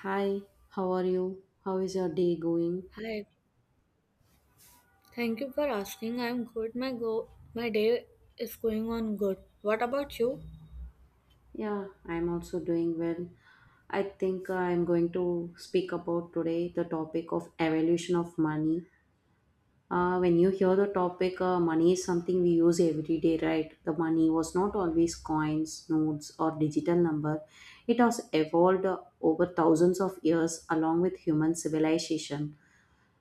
Hi, how are you? How is your day going? Hi, thank you for asking. I'm good. My day is going on good. What about you? Yeah, I'm also doing well. I think I'm going to speak about today the topic of evolution of money. When you hear the topic, money is something we use every day, right? The money was not always coins, notes, or digital number. It has evolved over thousands of years along with human civilization.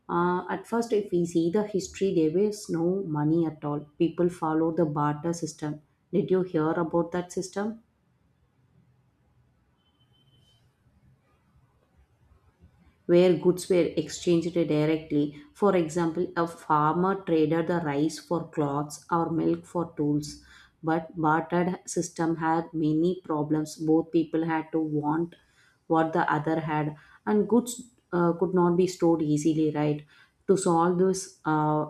At first, if we see the history, there was no money at all. People followed the barter system. Did you hear about that system? Where goods were exchanged directly. For example, a farmer traded the rice for cloths or milk for tools. But bartered system had many problems. Both people had to want what the other had, and goods could not be stored easily, right? To solve this uh,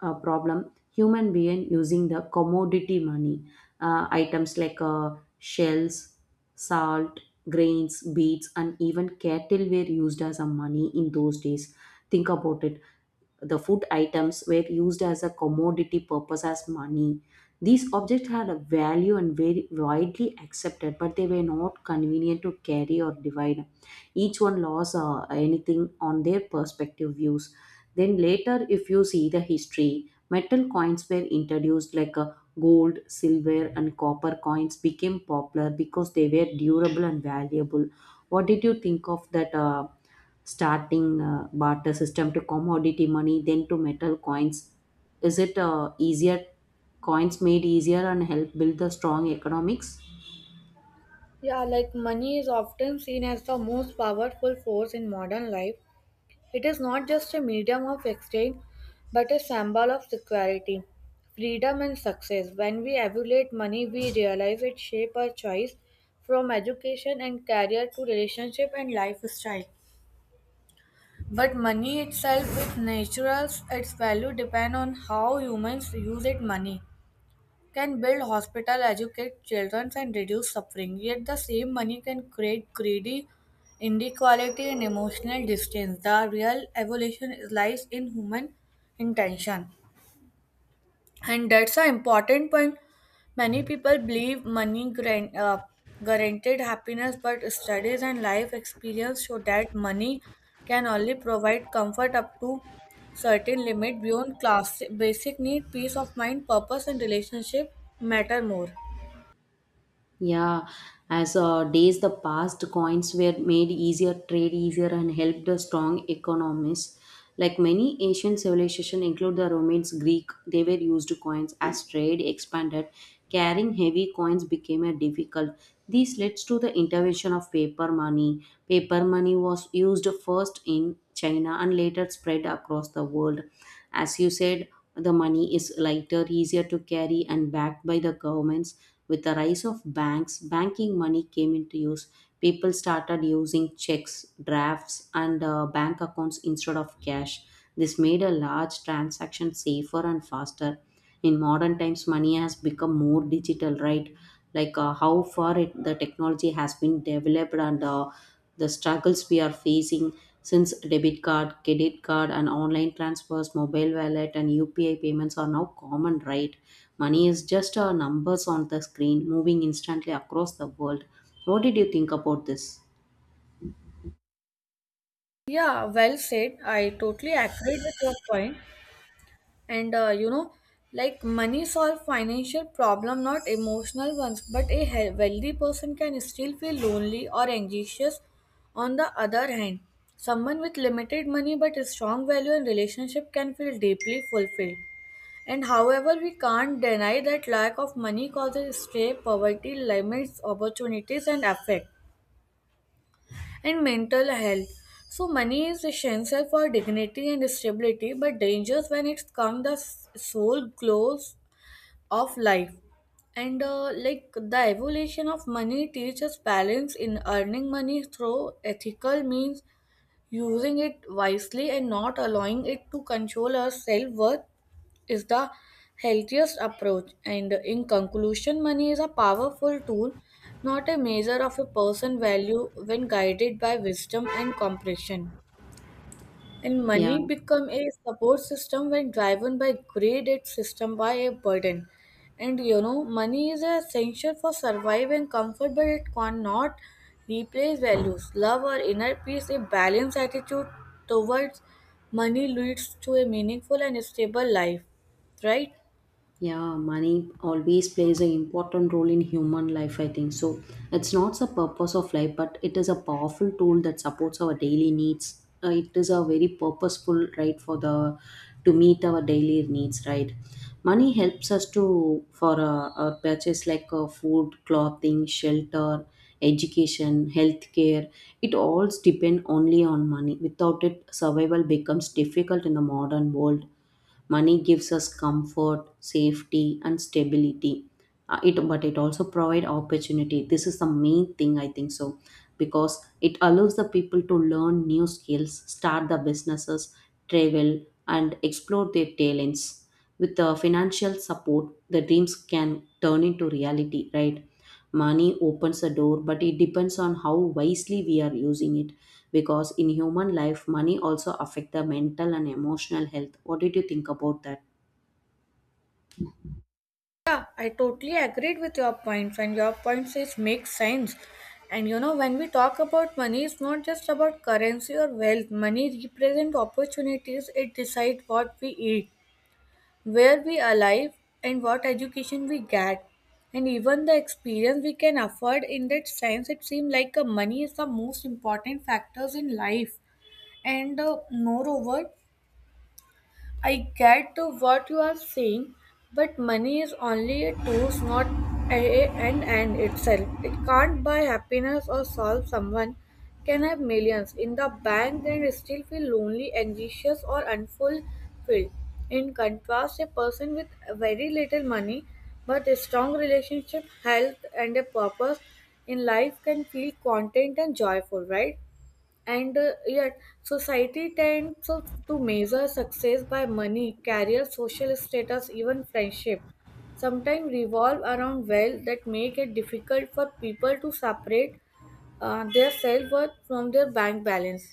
uh, problem, human being using the commodity money, items like shells, salt, grains, beads, and even cattle were used as a money in those days. Think about it. The food items were used as a commodity purpose as money. These objects had a value and very widely accepted, but they were not convenient to carry or divide. Each one lost anything on their perspective views. Then later, if you see the history, metal coins were introduced like a gold, silver, and copper coins became popular because they were durable and valuable. What did you think of that? Starting barter system to commodity money then to metal coins, is it easier? Coins made easier and help build the strong economics. Yeah, like money is often seen as the most powerful force in modern life. It is not just a medium of exchange, but a symbol of security, freedom and success. When we evaluate money, we realize it shapes our choice from education and career to relationship and lifestyle. But money itself with naturals, its value depend on how humans use it money. Can build hospital, educate children and reduce suffering. Yet the same money can create greedy inequality and emotional distance. The real evolution lies in human intention, and that's an important point. Many people believe money grant, guaranteed happiness, but studies and life experience show that money can only provide comfort up to certain limit. Beyond class basic need, peace of mind, purpose and relationship matter more. Yeah, as days the past, coins were made easier, trade easier, and helped the strong economies. Like many ancient civilizations, include the Romans, Greek, they were used coins. As trade expanded, carrying heavy coins became a difficult. This led to the intervention of paper money. Paper money was used first in China and later spread across the world. As you said, the money is lighter, easier to carry, and backed by the governments. With the rise of banks, banking money came into use. People started using checks, drafts, and bank accounts instead of cash. This made a large transaction safer and faster. In modern times, money has become more digital, right? Like how far it, the technology has been developed, and the struggles we are facing, since debit card, credit card, and online transfers, mobile wallet, and UPI payments are now common, right? Money is just numbers on the screen moving instantly across the world. What did you think about this? Yeah, well said, I totally agree with your point. And like money solve financial problem, not emotional ones, but a wealthy person can still feel lonely or anxious. On the other hand, someone with limited money but a strong value and relationship can feel deeply fulfilled. And however, we can't deny that lack of money causes stray poverty, limits opportunities and affect and mental health. So money is essential for dignity and stability, but dangerous when it comes the sole glows of life. And like, the evolution of money teaches balance in earning money through ethical means, using it wisely and not allowing it to control our self worth is the healthiest approach. And in conclusion, money is a powerful tool, not a measure of a person's value when guided by wisdom and comprehension. And Yeah. money become a support system. When driven by greed, it's system by a burden. And money is essential for survival and comfort, but it cannot replace values, love, or inner peace. A balanced attitude towards money leads to a meaningful and stable life, right? Yeah, money always plays an important role in human life, I think. So it's not the purpose of life, but it is a powerful tool that supports our daily needs. It is a very purposeful, right, for the to meet our daily needs, right? Money helps us to for our purchase like food, clothing, shelter, education, healthcare. It all depend only on money. Without it, survival becomes difficult in the modern world. Money gives us comfort, safety, and stability. It but it also provide opportunity. This is the main thing I think so, because it allows the people to learn new skills, start the businesses, travel, and explore their talents. With the financial support, the dreams can turn into reality, right? Money opens a door, but it depends on how wisely we are using it, because in human life money also affect the mental and emotional health. What did you think about that? Yeah, I totally agreed with your points, and your points is make sense. And when we talk about money, it's not just about currency or wealth. Money represent opportunities. It decide what we eat, where we alive, and what education we get, and even the experience we can afford. In that sense, it seems like money is the most important factors in life. And moreover, I get to what you are saying, but money is only a tool, not a, an end itself. It can't buy happiness or solve someone. Can have millions in the bank and still feel lonely, anxious, or unfulfilled. In contrast, a person with very little money but a strong relationship, health, and a purpose in life can feel content and joyful, right? And yet, society tends to measure success by money, career, social status, even friendship. Sometimes revolve around wealth that make it difficult for people to separate their self worth from their bank balance.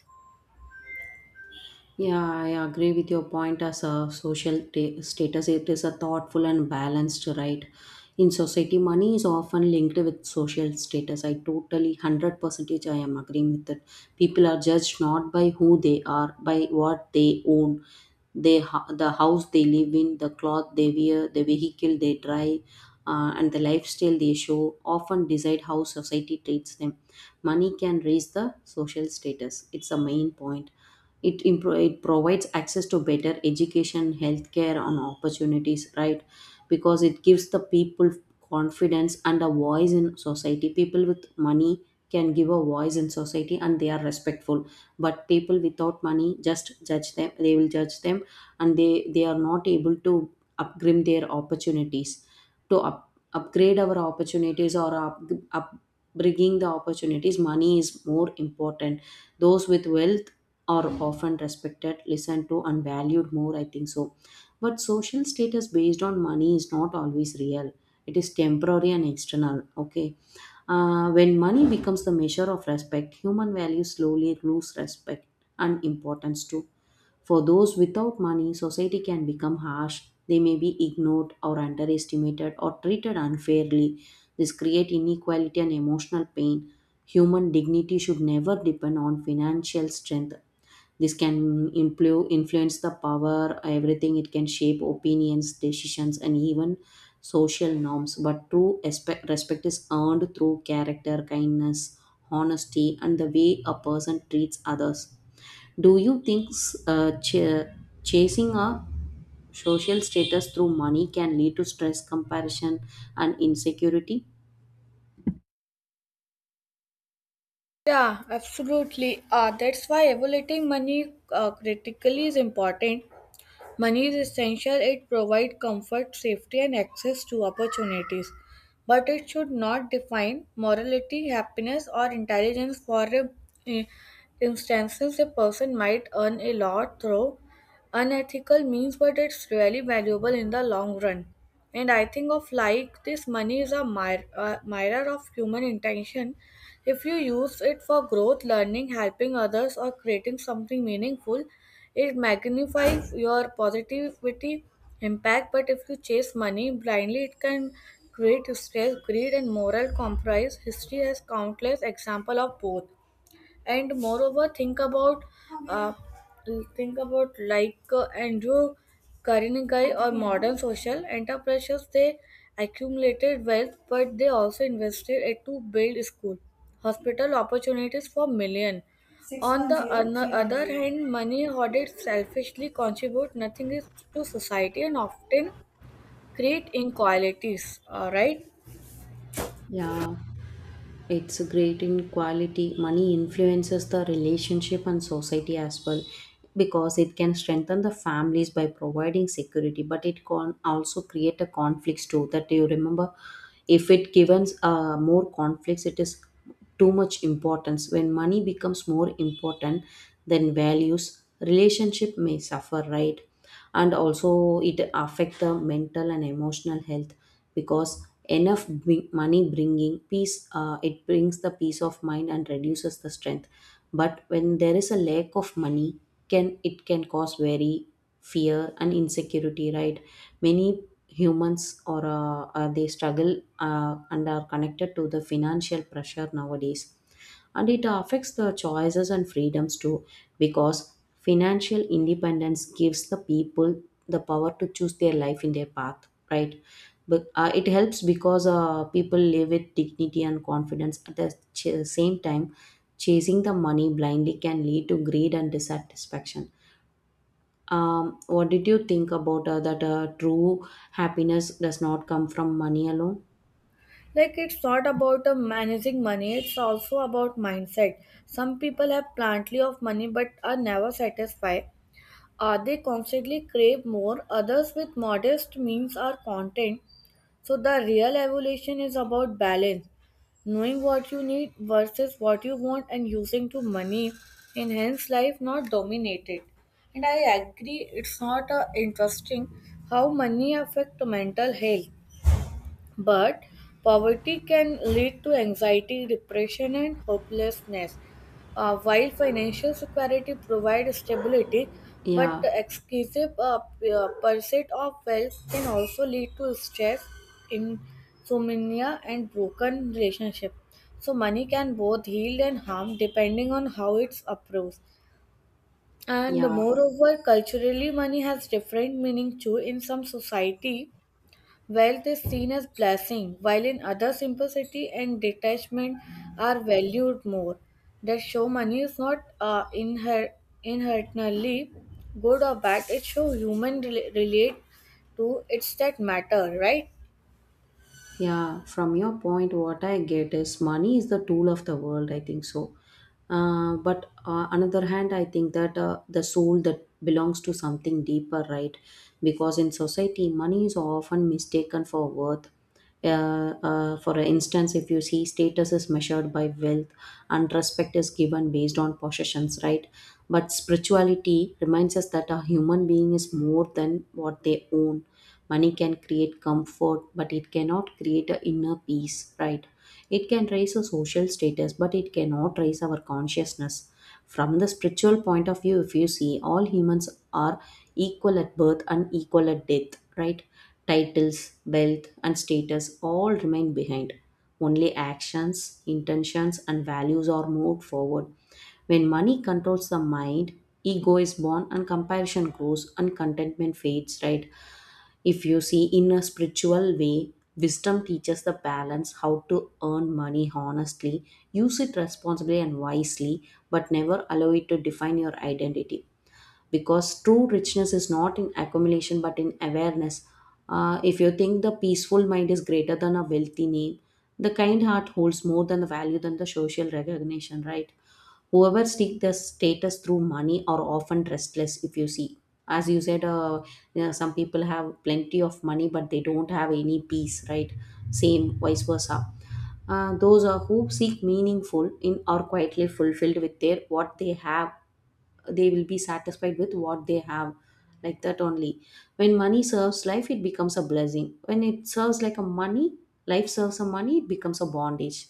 Yeah, I agree with your point. As a social status, it is a thoughtful and balanced, right? In society, money is often linked with social status. I totally 100 percentage I am agreeing with it. People are judged not by who they are, by what they own, the house they live in, the cloth they wear, the vehicle they drive, and the lifestyle they show often decide how society treats them. Money can raise the social status. It's the main point. It provides access to better education, healthcare, and opportunities, right? Because it gives the people confidence and a voice in society. People with money can give a voice in society, and they are respectful. But people without money just judge them, they will judge them. And they are not able to upgrade their opportunities, to upgrade our opportunities, or upbringing the opportunities. Money is more important. Those with wealth are often respected, listened to, and valued more, I think so. But social status based on money is not always real, it is temporary and external. Okay. When money becomes the measure of respect, human values slowly lose respect and importance too. For those without money, society can become harsh. They may be ignored or underestimated or treated unfairly. This creates inequality and emotional pain. Human dignity should never depend on financial strength. This can influence the power, everything. It can shape opinions, decisions, and even social norms. But true respect is earned through character, kindness, honesty, and the way a person treats others. Do you think uh, ch- chasing a social status through money can lead to stress, comparison, and insecurity? Yeah, absolutely. That's why evaluating money critically is important. Money is essential, it provides comfort, safety, and access to opportunities. But it should not define morality, happiness, or intelligence. For i- instances, a person might earn a lot through unethical means, but it's really valuable in the long run. And I think of like this, money is a a mirror of human intention. If you use it for growth, learning, helping others, or creating something meaningful, it magnifies your positivity impact. But if you chase money blindly, it can create stress, greed, and moral compromise. History has countless examples of both. And moreover, uh, think about Andrew Carnegie or modern social enterprises. They accumulated wealth, but they also invested it to build school, hospital, opportunities for million. On the other hand, money hoarded selfishly contribute nothing is to society and often create inequalities, all right? Yeah, it's great in quality. Money influences the relationship and society as well, because it can strengthen the families by providing security, but it can also create a conflicts too. That you remember, if it gives more conflicts, it is too much importance. When money becomes more important than values, relationship may suffer, right? And also, it affect the mental and emotional health because money bringing peace, it brings the peace of mind and reduces the strength. But when there is a lack of money, can it can cause very fear and insecurity, right? Many humans, or they struggle and are connected to the financial pressure nowadays, and it affects the choices and freedoms too, because financial independence gives the people the power to choose their life in their path, right? But it helps because people live with dignity and confidence at the same time, chasing the money blindly can lead to greed and dissatisfaction. What did you think about that, true happiness does not come from money alone? Like, it's not about managing money, it's also about mindset. Some people have plenty of money but are never satisfied. Are they constantly crave more? Others with modest means are content. So the real evolution is about balance. Knowing what you need versus what you want and using to money enhance life, not dominate it. And I agree, it's not interesting how money affect mental health, but poverty can lead to anxiety, depression, and hopelessness. While financial security provides stability, but Yeah, the excessive pursuit of wealth can also lead to stress, insomnia, and broken relationship. So money can both heal and harm depending on how it's approached. And yeah. moreover, culturally, money has different meaning too. In some society, wealth is seen as blessing, while in others simplicity and detachment are valued more. That show money is not inherently good or bad. It show human relate to it's that matter, right? Yeah, from your point, what I get is money is the tool of the world, I think so. But another hand, I think that the soul that belongs to something deeper, right? Because in society, money is often mistaken for worth. For instance, if you see status is measured by wealth and respect is given based on possessions, right? But spirituality reminds us that a human being is more than what they own. Money can create comfort, but it cannot create a inner peace, right? It can raise a social status, but it cannot raise our consciousness. From the spiritual point of view, if you see, all humans are equal at birth and equal at death, right? Titles, wealth, and status all remain behind. Only actions, intentions, and values are moved forward. When money controls the mind, ego is born and comparison grows and contentment fades, right? If you see in a spiritual way, wisdom teaches the balance how to earn money honestly, use it responsibly and wisely, but never allow it to define your identity. Because true richness is not in accumulation but in awareness. If you think the peaceful mind is greater than a wealthy name, the kind heart holds more than the value than the social recognition, right? Whoever seek the status through money are often restless. If you see, as you said, some people have plenty of money but they don't have any peace, right? Same vice versa. Those are who seek meaningful in are quietly fulfilled with their what they have. They will be satisfied with what they have, like that only. When money serves life, it becomes a blessing. When it serves like a money life serves a money, it becomes a bondage.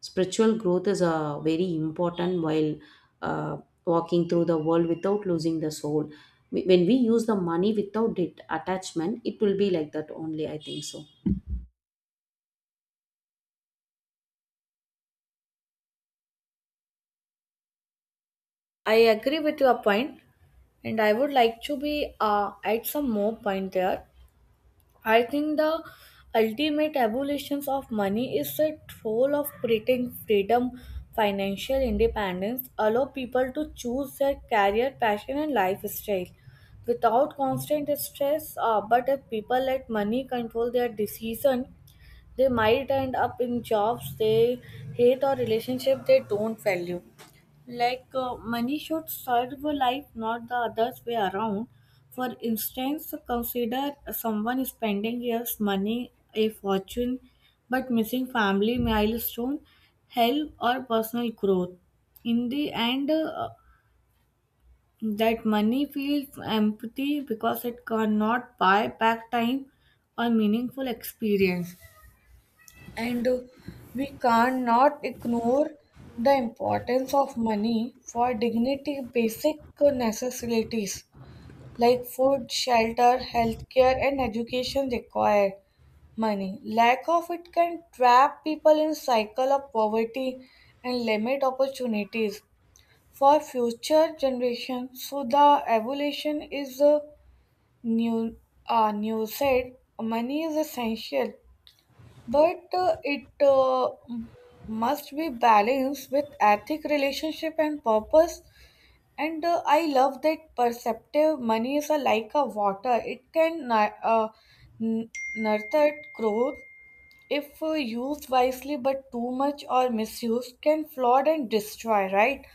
Spiritual growth is very important, while uh, walking through the world without losing the soul. When we use the money without it attachment, it will be like that only, I think so. I agree with your point, and I would like to be add some more point there. I think the ultimate evolution of money is a role of creating freedom. Financial independence allow people to choose their career, passion, and lifestyle without constant stress. But if people let money control their decision, they might end up in jobs they hate or relationships they don't value. Like, money should serve a life, not the other's way around. For instance, consider someone spending years money, a fortune, but missing family milestone, health, or personal growth. In the end, that money feels empty because it cannot buy back time or meaningful experience. And we cannot ignore the importance of money for dignity. Basic necessities like food, shelter, healthcare and education require money. Lack of it can trap people in cycle of poverty and limit opportunities for future generations. So the evolution is a new, said money is essential, but it must be balanced with ethic, relationship and purpose. And I love that perceptive. Money is a, like a water, it can n- nurture growth if used wisely, but too much or misuse can flood and destroy, right?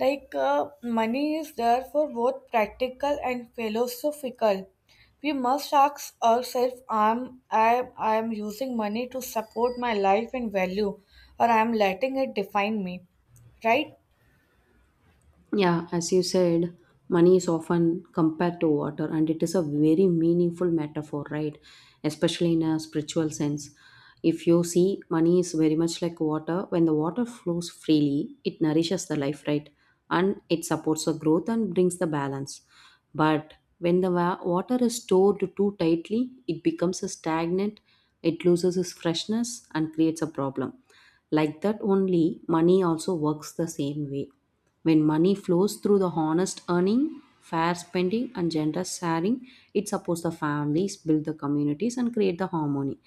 Like, money is there for both practical and philosophical. We must ask ourselves, am I I am using money to support my life and value, or I am letting it define me, right? Yeah, as you said, money is often compared to water, and it is a very meaningful metaphor, right? Especially in a spiritual sense. If you see, money is very much like water. When the water flows freely, it nourishes the life, right? And it supports the growth and brings the balance. But when the water is stored too tightly, it becomes a stagnant, it loses its freshness, and creates a problem. Like that only, money also works the same way. When money flows through the honest earning, fair spending, and generous sharing, it supports the families, build the communities, and create the harmony.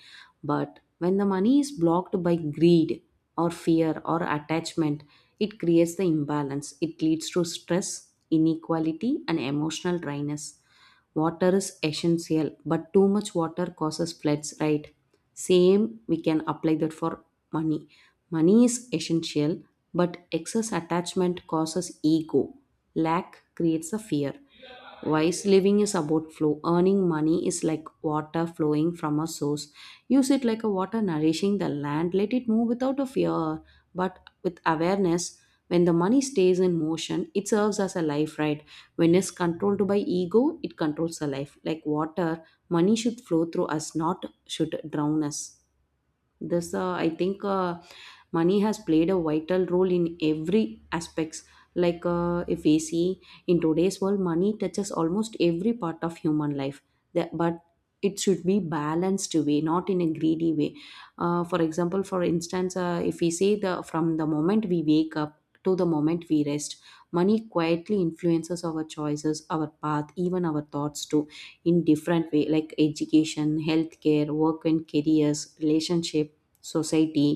But when the money is blocked by greed or fear or attachment, it creates the imbalance. It leads to stress, inequality, and emotional dryness. Water is essential, but too much water causes floods, right? Same, we can apply that for money. Money is essential, but excess attachment causes ego. Lack creates a fear. Wise living is about flow. Earning money is like water flowing from a source. Use it like a water nourishing the land. Let it move without a fear, but with awareness. When the money stays in motion, it serves as a life, right? When it's controlled by ego, it controls the life. Like water, money should flow through us, not should drown us. This, I think, money has played a vital role in every aspects. Like if we see in today's world, money touches almost every part of human life. That, but it should be balanced way, not in a greedy way. For example, for instance, if we say the from the moment we wake up to the moment we rest, money quietly influences our choices, our path, even our thoughts too, in different way like education, healthcare, work and careers, relationship, society,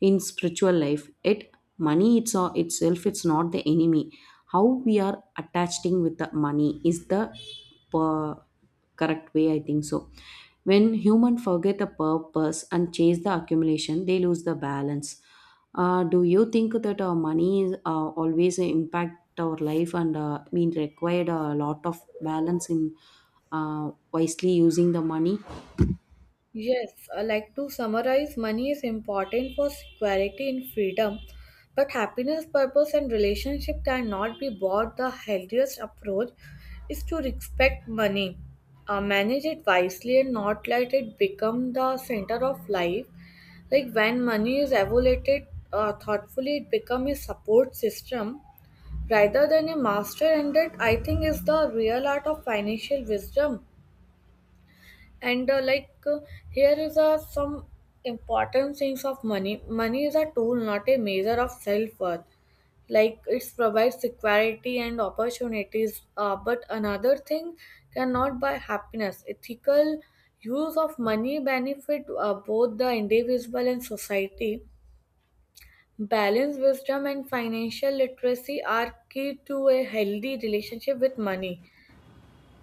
in spiritual life. It Money it's itself, it's not the enemy. How we are attaching with the money is the uh, correct way, I think so. When human forget the purpose and chase the accumulation, they lose the balance. Do you think that money is always impact our life and mean required a lot of balance in wisely using the money? Yes, like, to summarize, money is important for security and freedom, but happiness, purpose, and relationship cannot be bought. The healthiest approach is to respect money, manage it wisely, and not let it become the center of life. Like, when money is evaluated thoughtfully, it becomes a support system rather than a master, and that I think is the real art of financial wisdom. And here is some important things of money. Money is a tool, not a measure of self-worth. Like, it provides security and opportunities, but another thing, cannot buy happiness. Ethical use of money benefit both the individual and society. Balance, wisdom and financial literacy are key to a healthy relationship with money,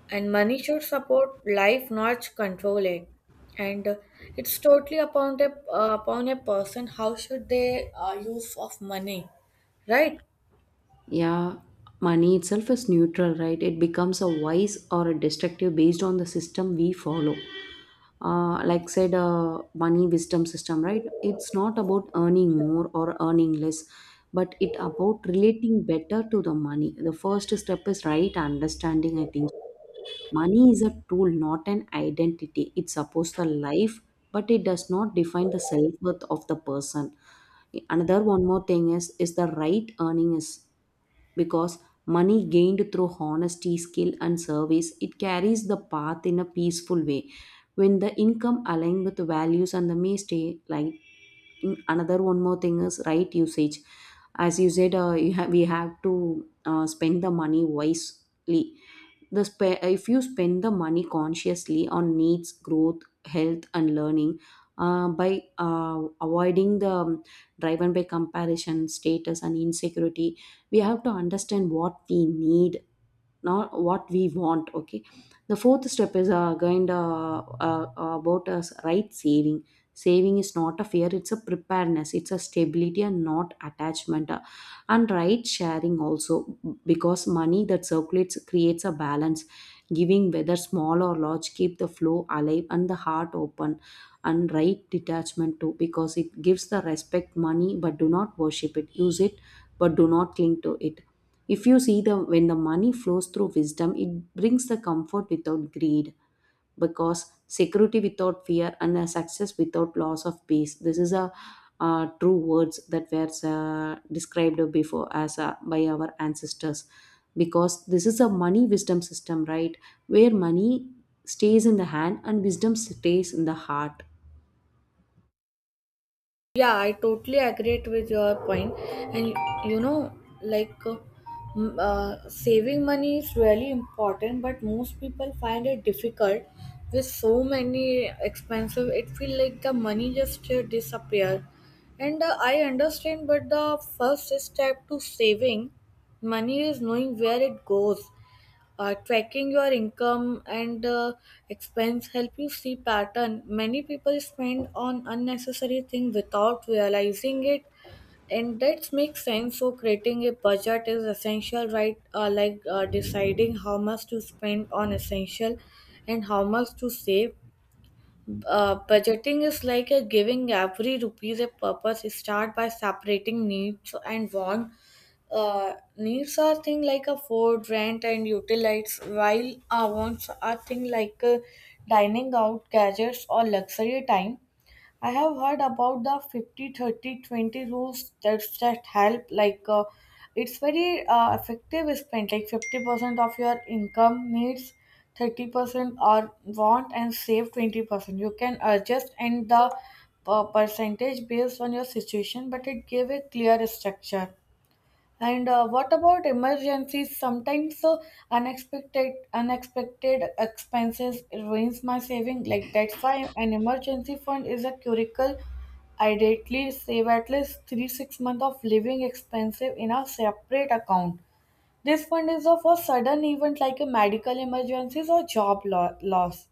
and money should support life, not control it. And it's totally upon a, upon a person, how should they use of money, right? Yeah, money itself is neutral, right? It becomes a vice or a destructive based on the system we follow. Like said, money wisdom system, right? It's not about earning more or earning less, but it about relating better to the money. The first step is right understanding, I think. Money is a tool, not an identity. It supports the life, but it does not define the self worth of the person. Another one more thing is the right earning is because money gained through honesty, skill, and service, it carries the path in a peaceful way. When the income aligns with the values and the may stay, like, another one more thing is right usage. As you said, we have to spend the money wisely. If you spend the money consciously on needs, growth, health, and learning, by avoiding the, driven by comparison, status, and insecurity. We have to understand what we need, not what we want. Okay, the fourth step is kind of, about us, right? Saving. Saving is not a fear, it's a preparedness, it's a stability and not attachment. And right sharing also, because money that circulates creates a balance. Giving, whether small or large, keep the flow alive and the heart open. And right detachment too, because it gives the respect money but do not worship it. Use it, but do not cling to it. If you see the when the money flows through wisdom, it brings the comfort without greed. Because security without fear and a success without loss of peace, this is a, true words that were described before as, by our ancestors. Because this is a money wisdom system, right? Where money stays in the hand and wisdom stays in the heart. Yeah, I totally agree with your point. And you know, like, saving money is really important, but most people find it difficult with so many expensive. It feel like the money just disappear. And I understand, but the first step to saving money is knowing where it goes. Tracking your income and expense help you see pattern. Many people spend on unnecessary things without realizing it, and that makes sense. So creating a budget is essential, right? Deciding how much to spend on essential and how much to save. Budgeting is like a giving every rupees a purpose. Start by separating needs and wants. Needs are thing like a food, rent, and utilities, while our wants are thing like dining out, gadgets, or luxury time. I have heard about the 50, 30, 20 rules that help. Like, it's very effective. Spend like 50% of your income needs, 30% are want and save 20%. You can adjust and the percentage based on your situation, but it gave a clear structure. And what about emergencies? Sometimes unexpected expenses ruins my saving. Like, that's why an emergency fund is a curricle. Ideally, save at least 3 to 6 months of living expenses in a separate account. This fund is for sudden event like a medical emergencies or job loss.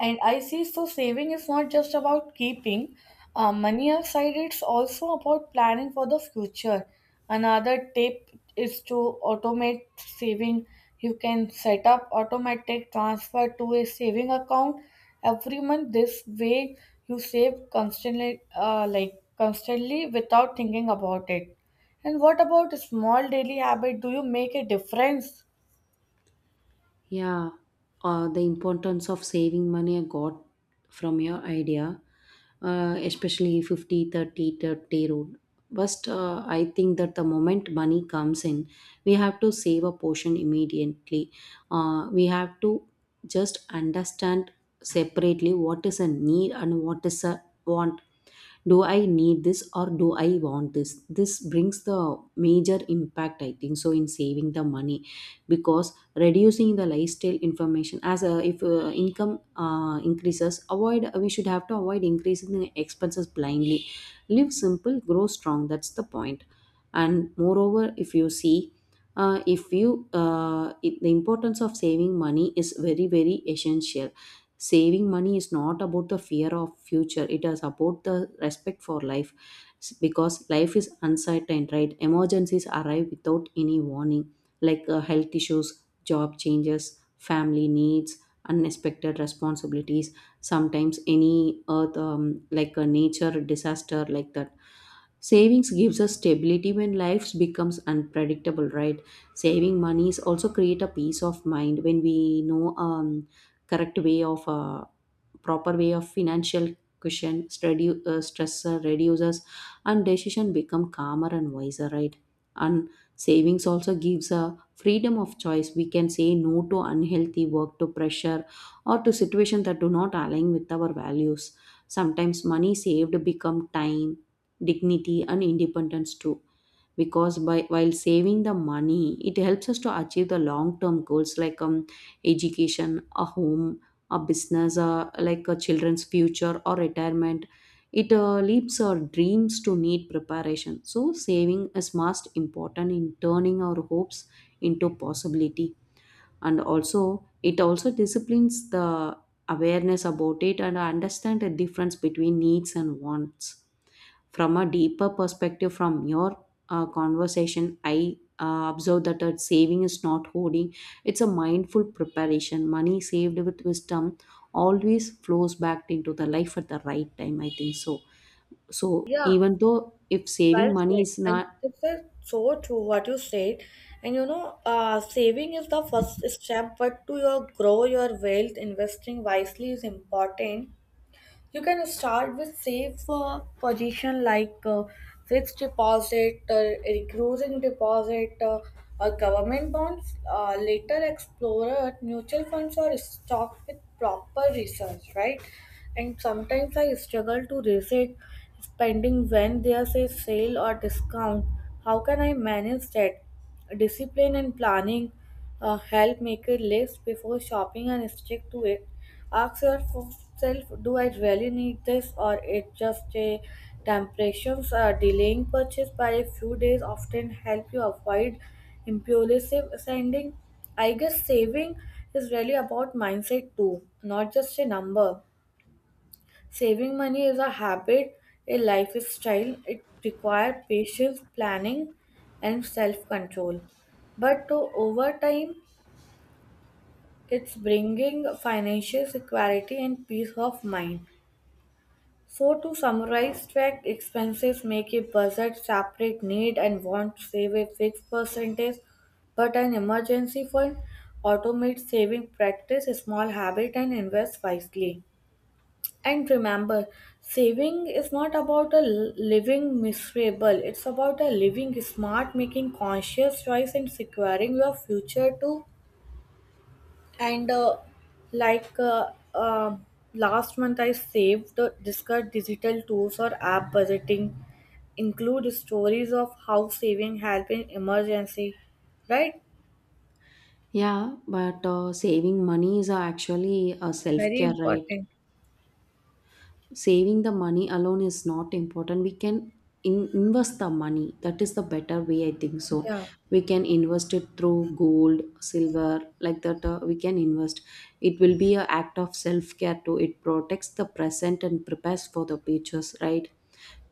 And I see, so saving is not just about keeping money aside, it's also about planning for the future. Another tip is to automate saving. You can set up automatic transfer to a saving account every month. This way you save constantly, without thinking about it. And what about a small daily habit? Do you make a difference? Yeah, the importance of saving money I got from your idea, especially fifty thirty thirty 30 30 rule. First, I think that the moment money comes in, we have to save a portion immediately. We have to just understand separately what is a need and what is a want. Do I need this or do I want this? This brings the major impact, I think so, in saving the money. Because reducing the lifestyle information, as if income increases, avoid we should have to avoid increasing the expenses blindly. Live simple, grow strong. That's the point. And moreover, if you see, if you it, the importance of saving money is very very essential. Saving money is not about the fear of future, it is about the respect for life. Because life is uncertain, right? Emergencies arrive without any warning, like health issues, job changes, family needs, unexpected responsibilities. Sometimes any earth, like a nature disaster, like that. Savings gives us stability when life becomes unpredictable, right? Saving money is also create a peace of mind. When we know, correct way of, proper way of financial cushion study, stressor reduces, and decision become calmer and wiser, right? And savings also gives a freedom of choice. We can say no to unhealthy work, to pressure, or to situations that do not align with our values. Sometimes money saved become time, dignity, and independence too. Because by while saving the money, it helps us to achieve the long term goals like, education, a home, a business, like a children's future or retirement. It leaves our dreams to need preparation. So, saving is most important in turning our hopes into possibility. And also, it also disciplines the awareness about it and understand the difference between needs and wants. From a deeper perspective, from your conversation, I observe that a saving is not hoarding, it's a mindful preparation. Money saved with wisdom always flows back into the life at the right time, I think so. So, Yeah, even though if saving well money said, is and not. this is so true what you said. And saving is the first step, but to your grow your wealth, investing wisely is important. You can start with safe position like fixed deposit, recurring deposit, or government bonds. Later, explore mutual funds or stock with proper research, right? And sometimes I struggle to resist spending when there's a sale or discount. How can I manage that? Discipline and planning help. Make a list before shopping and stick to it. Ask yourself, do I really need this or it just a temptation? Delaying purchase by a few days often help you avoid impulsive spending. I guess saving is really about mindset too, not just a number. Saving money is a habit, a lifestyle. It requires patience, planning, and self control. But over time, it's bringing financial security and peace of mind. So, to summarize, track expenses, make a budget, separate need and want, save a fixed percentage, but an emergency fund, automate saving practice, small habit, and invest wisely. And remember, saving is not about a living miserable. It's about a living smart, making conscious choice and securing your future too. And like uh, uh, last month, I saved discussed digital tools or app budgeting. Include stories of how saving help in emergency, right? Yeah, but saving money is actually a self Very care, right? important. Saving the money alone is not important, we can invest the money. That is the better way, I think so. Yeah, We can invest it through gold, silver, like that, we can invest. It will be a act of self care too. It protects the present and prepares for the futures, right?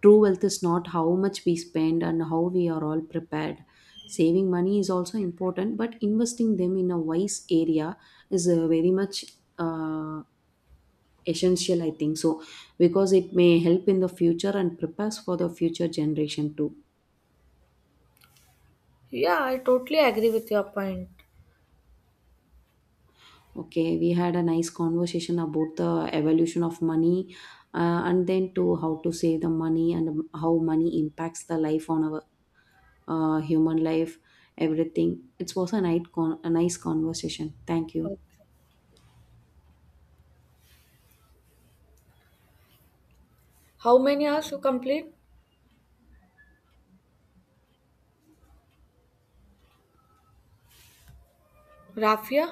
True wealth is not how much we spend and how we are all prepared. Saving money is also important, but investing them in a wise area is very much, uh, essential, I think so. Because it may help in the future and prepares for the future generation too. yeah, I totally agree with your point. Okay, we had a nice conversation about the evolution of money, and then to how to save the money, and how money impacts the life on our human life. Everything, it was a a nice conversation. Thank you. Okay. How many hours you complete? Rafia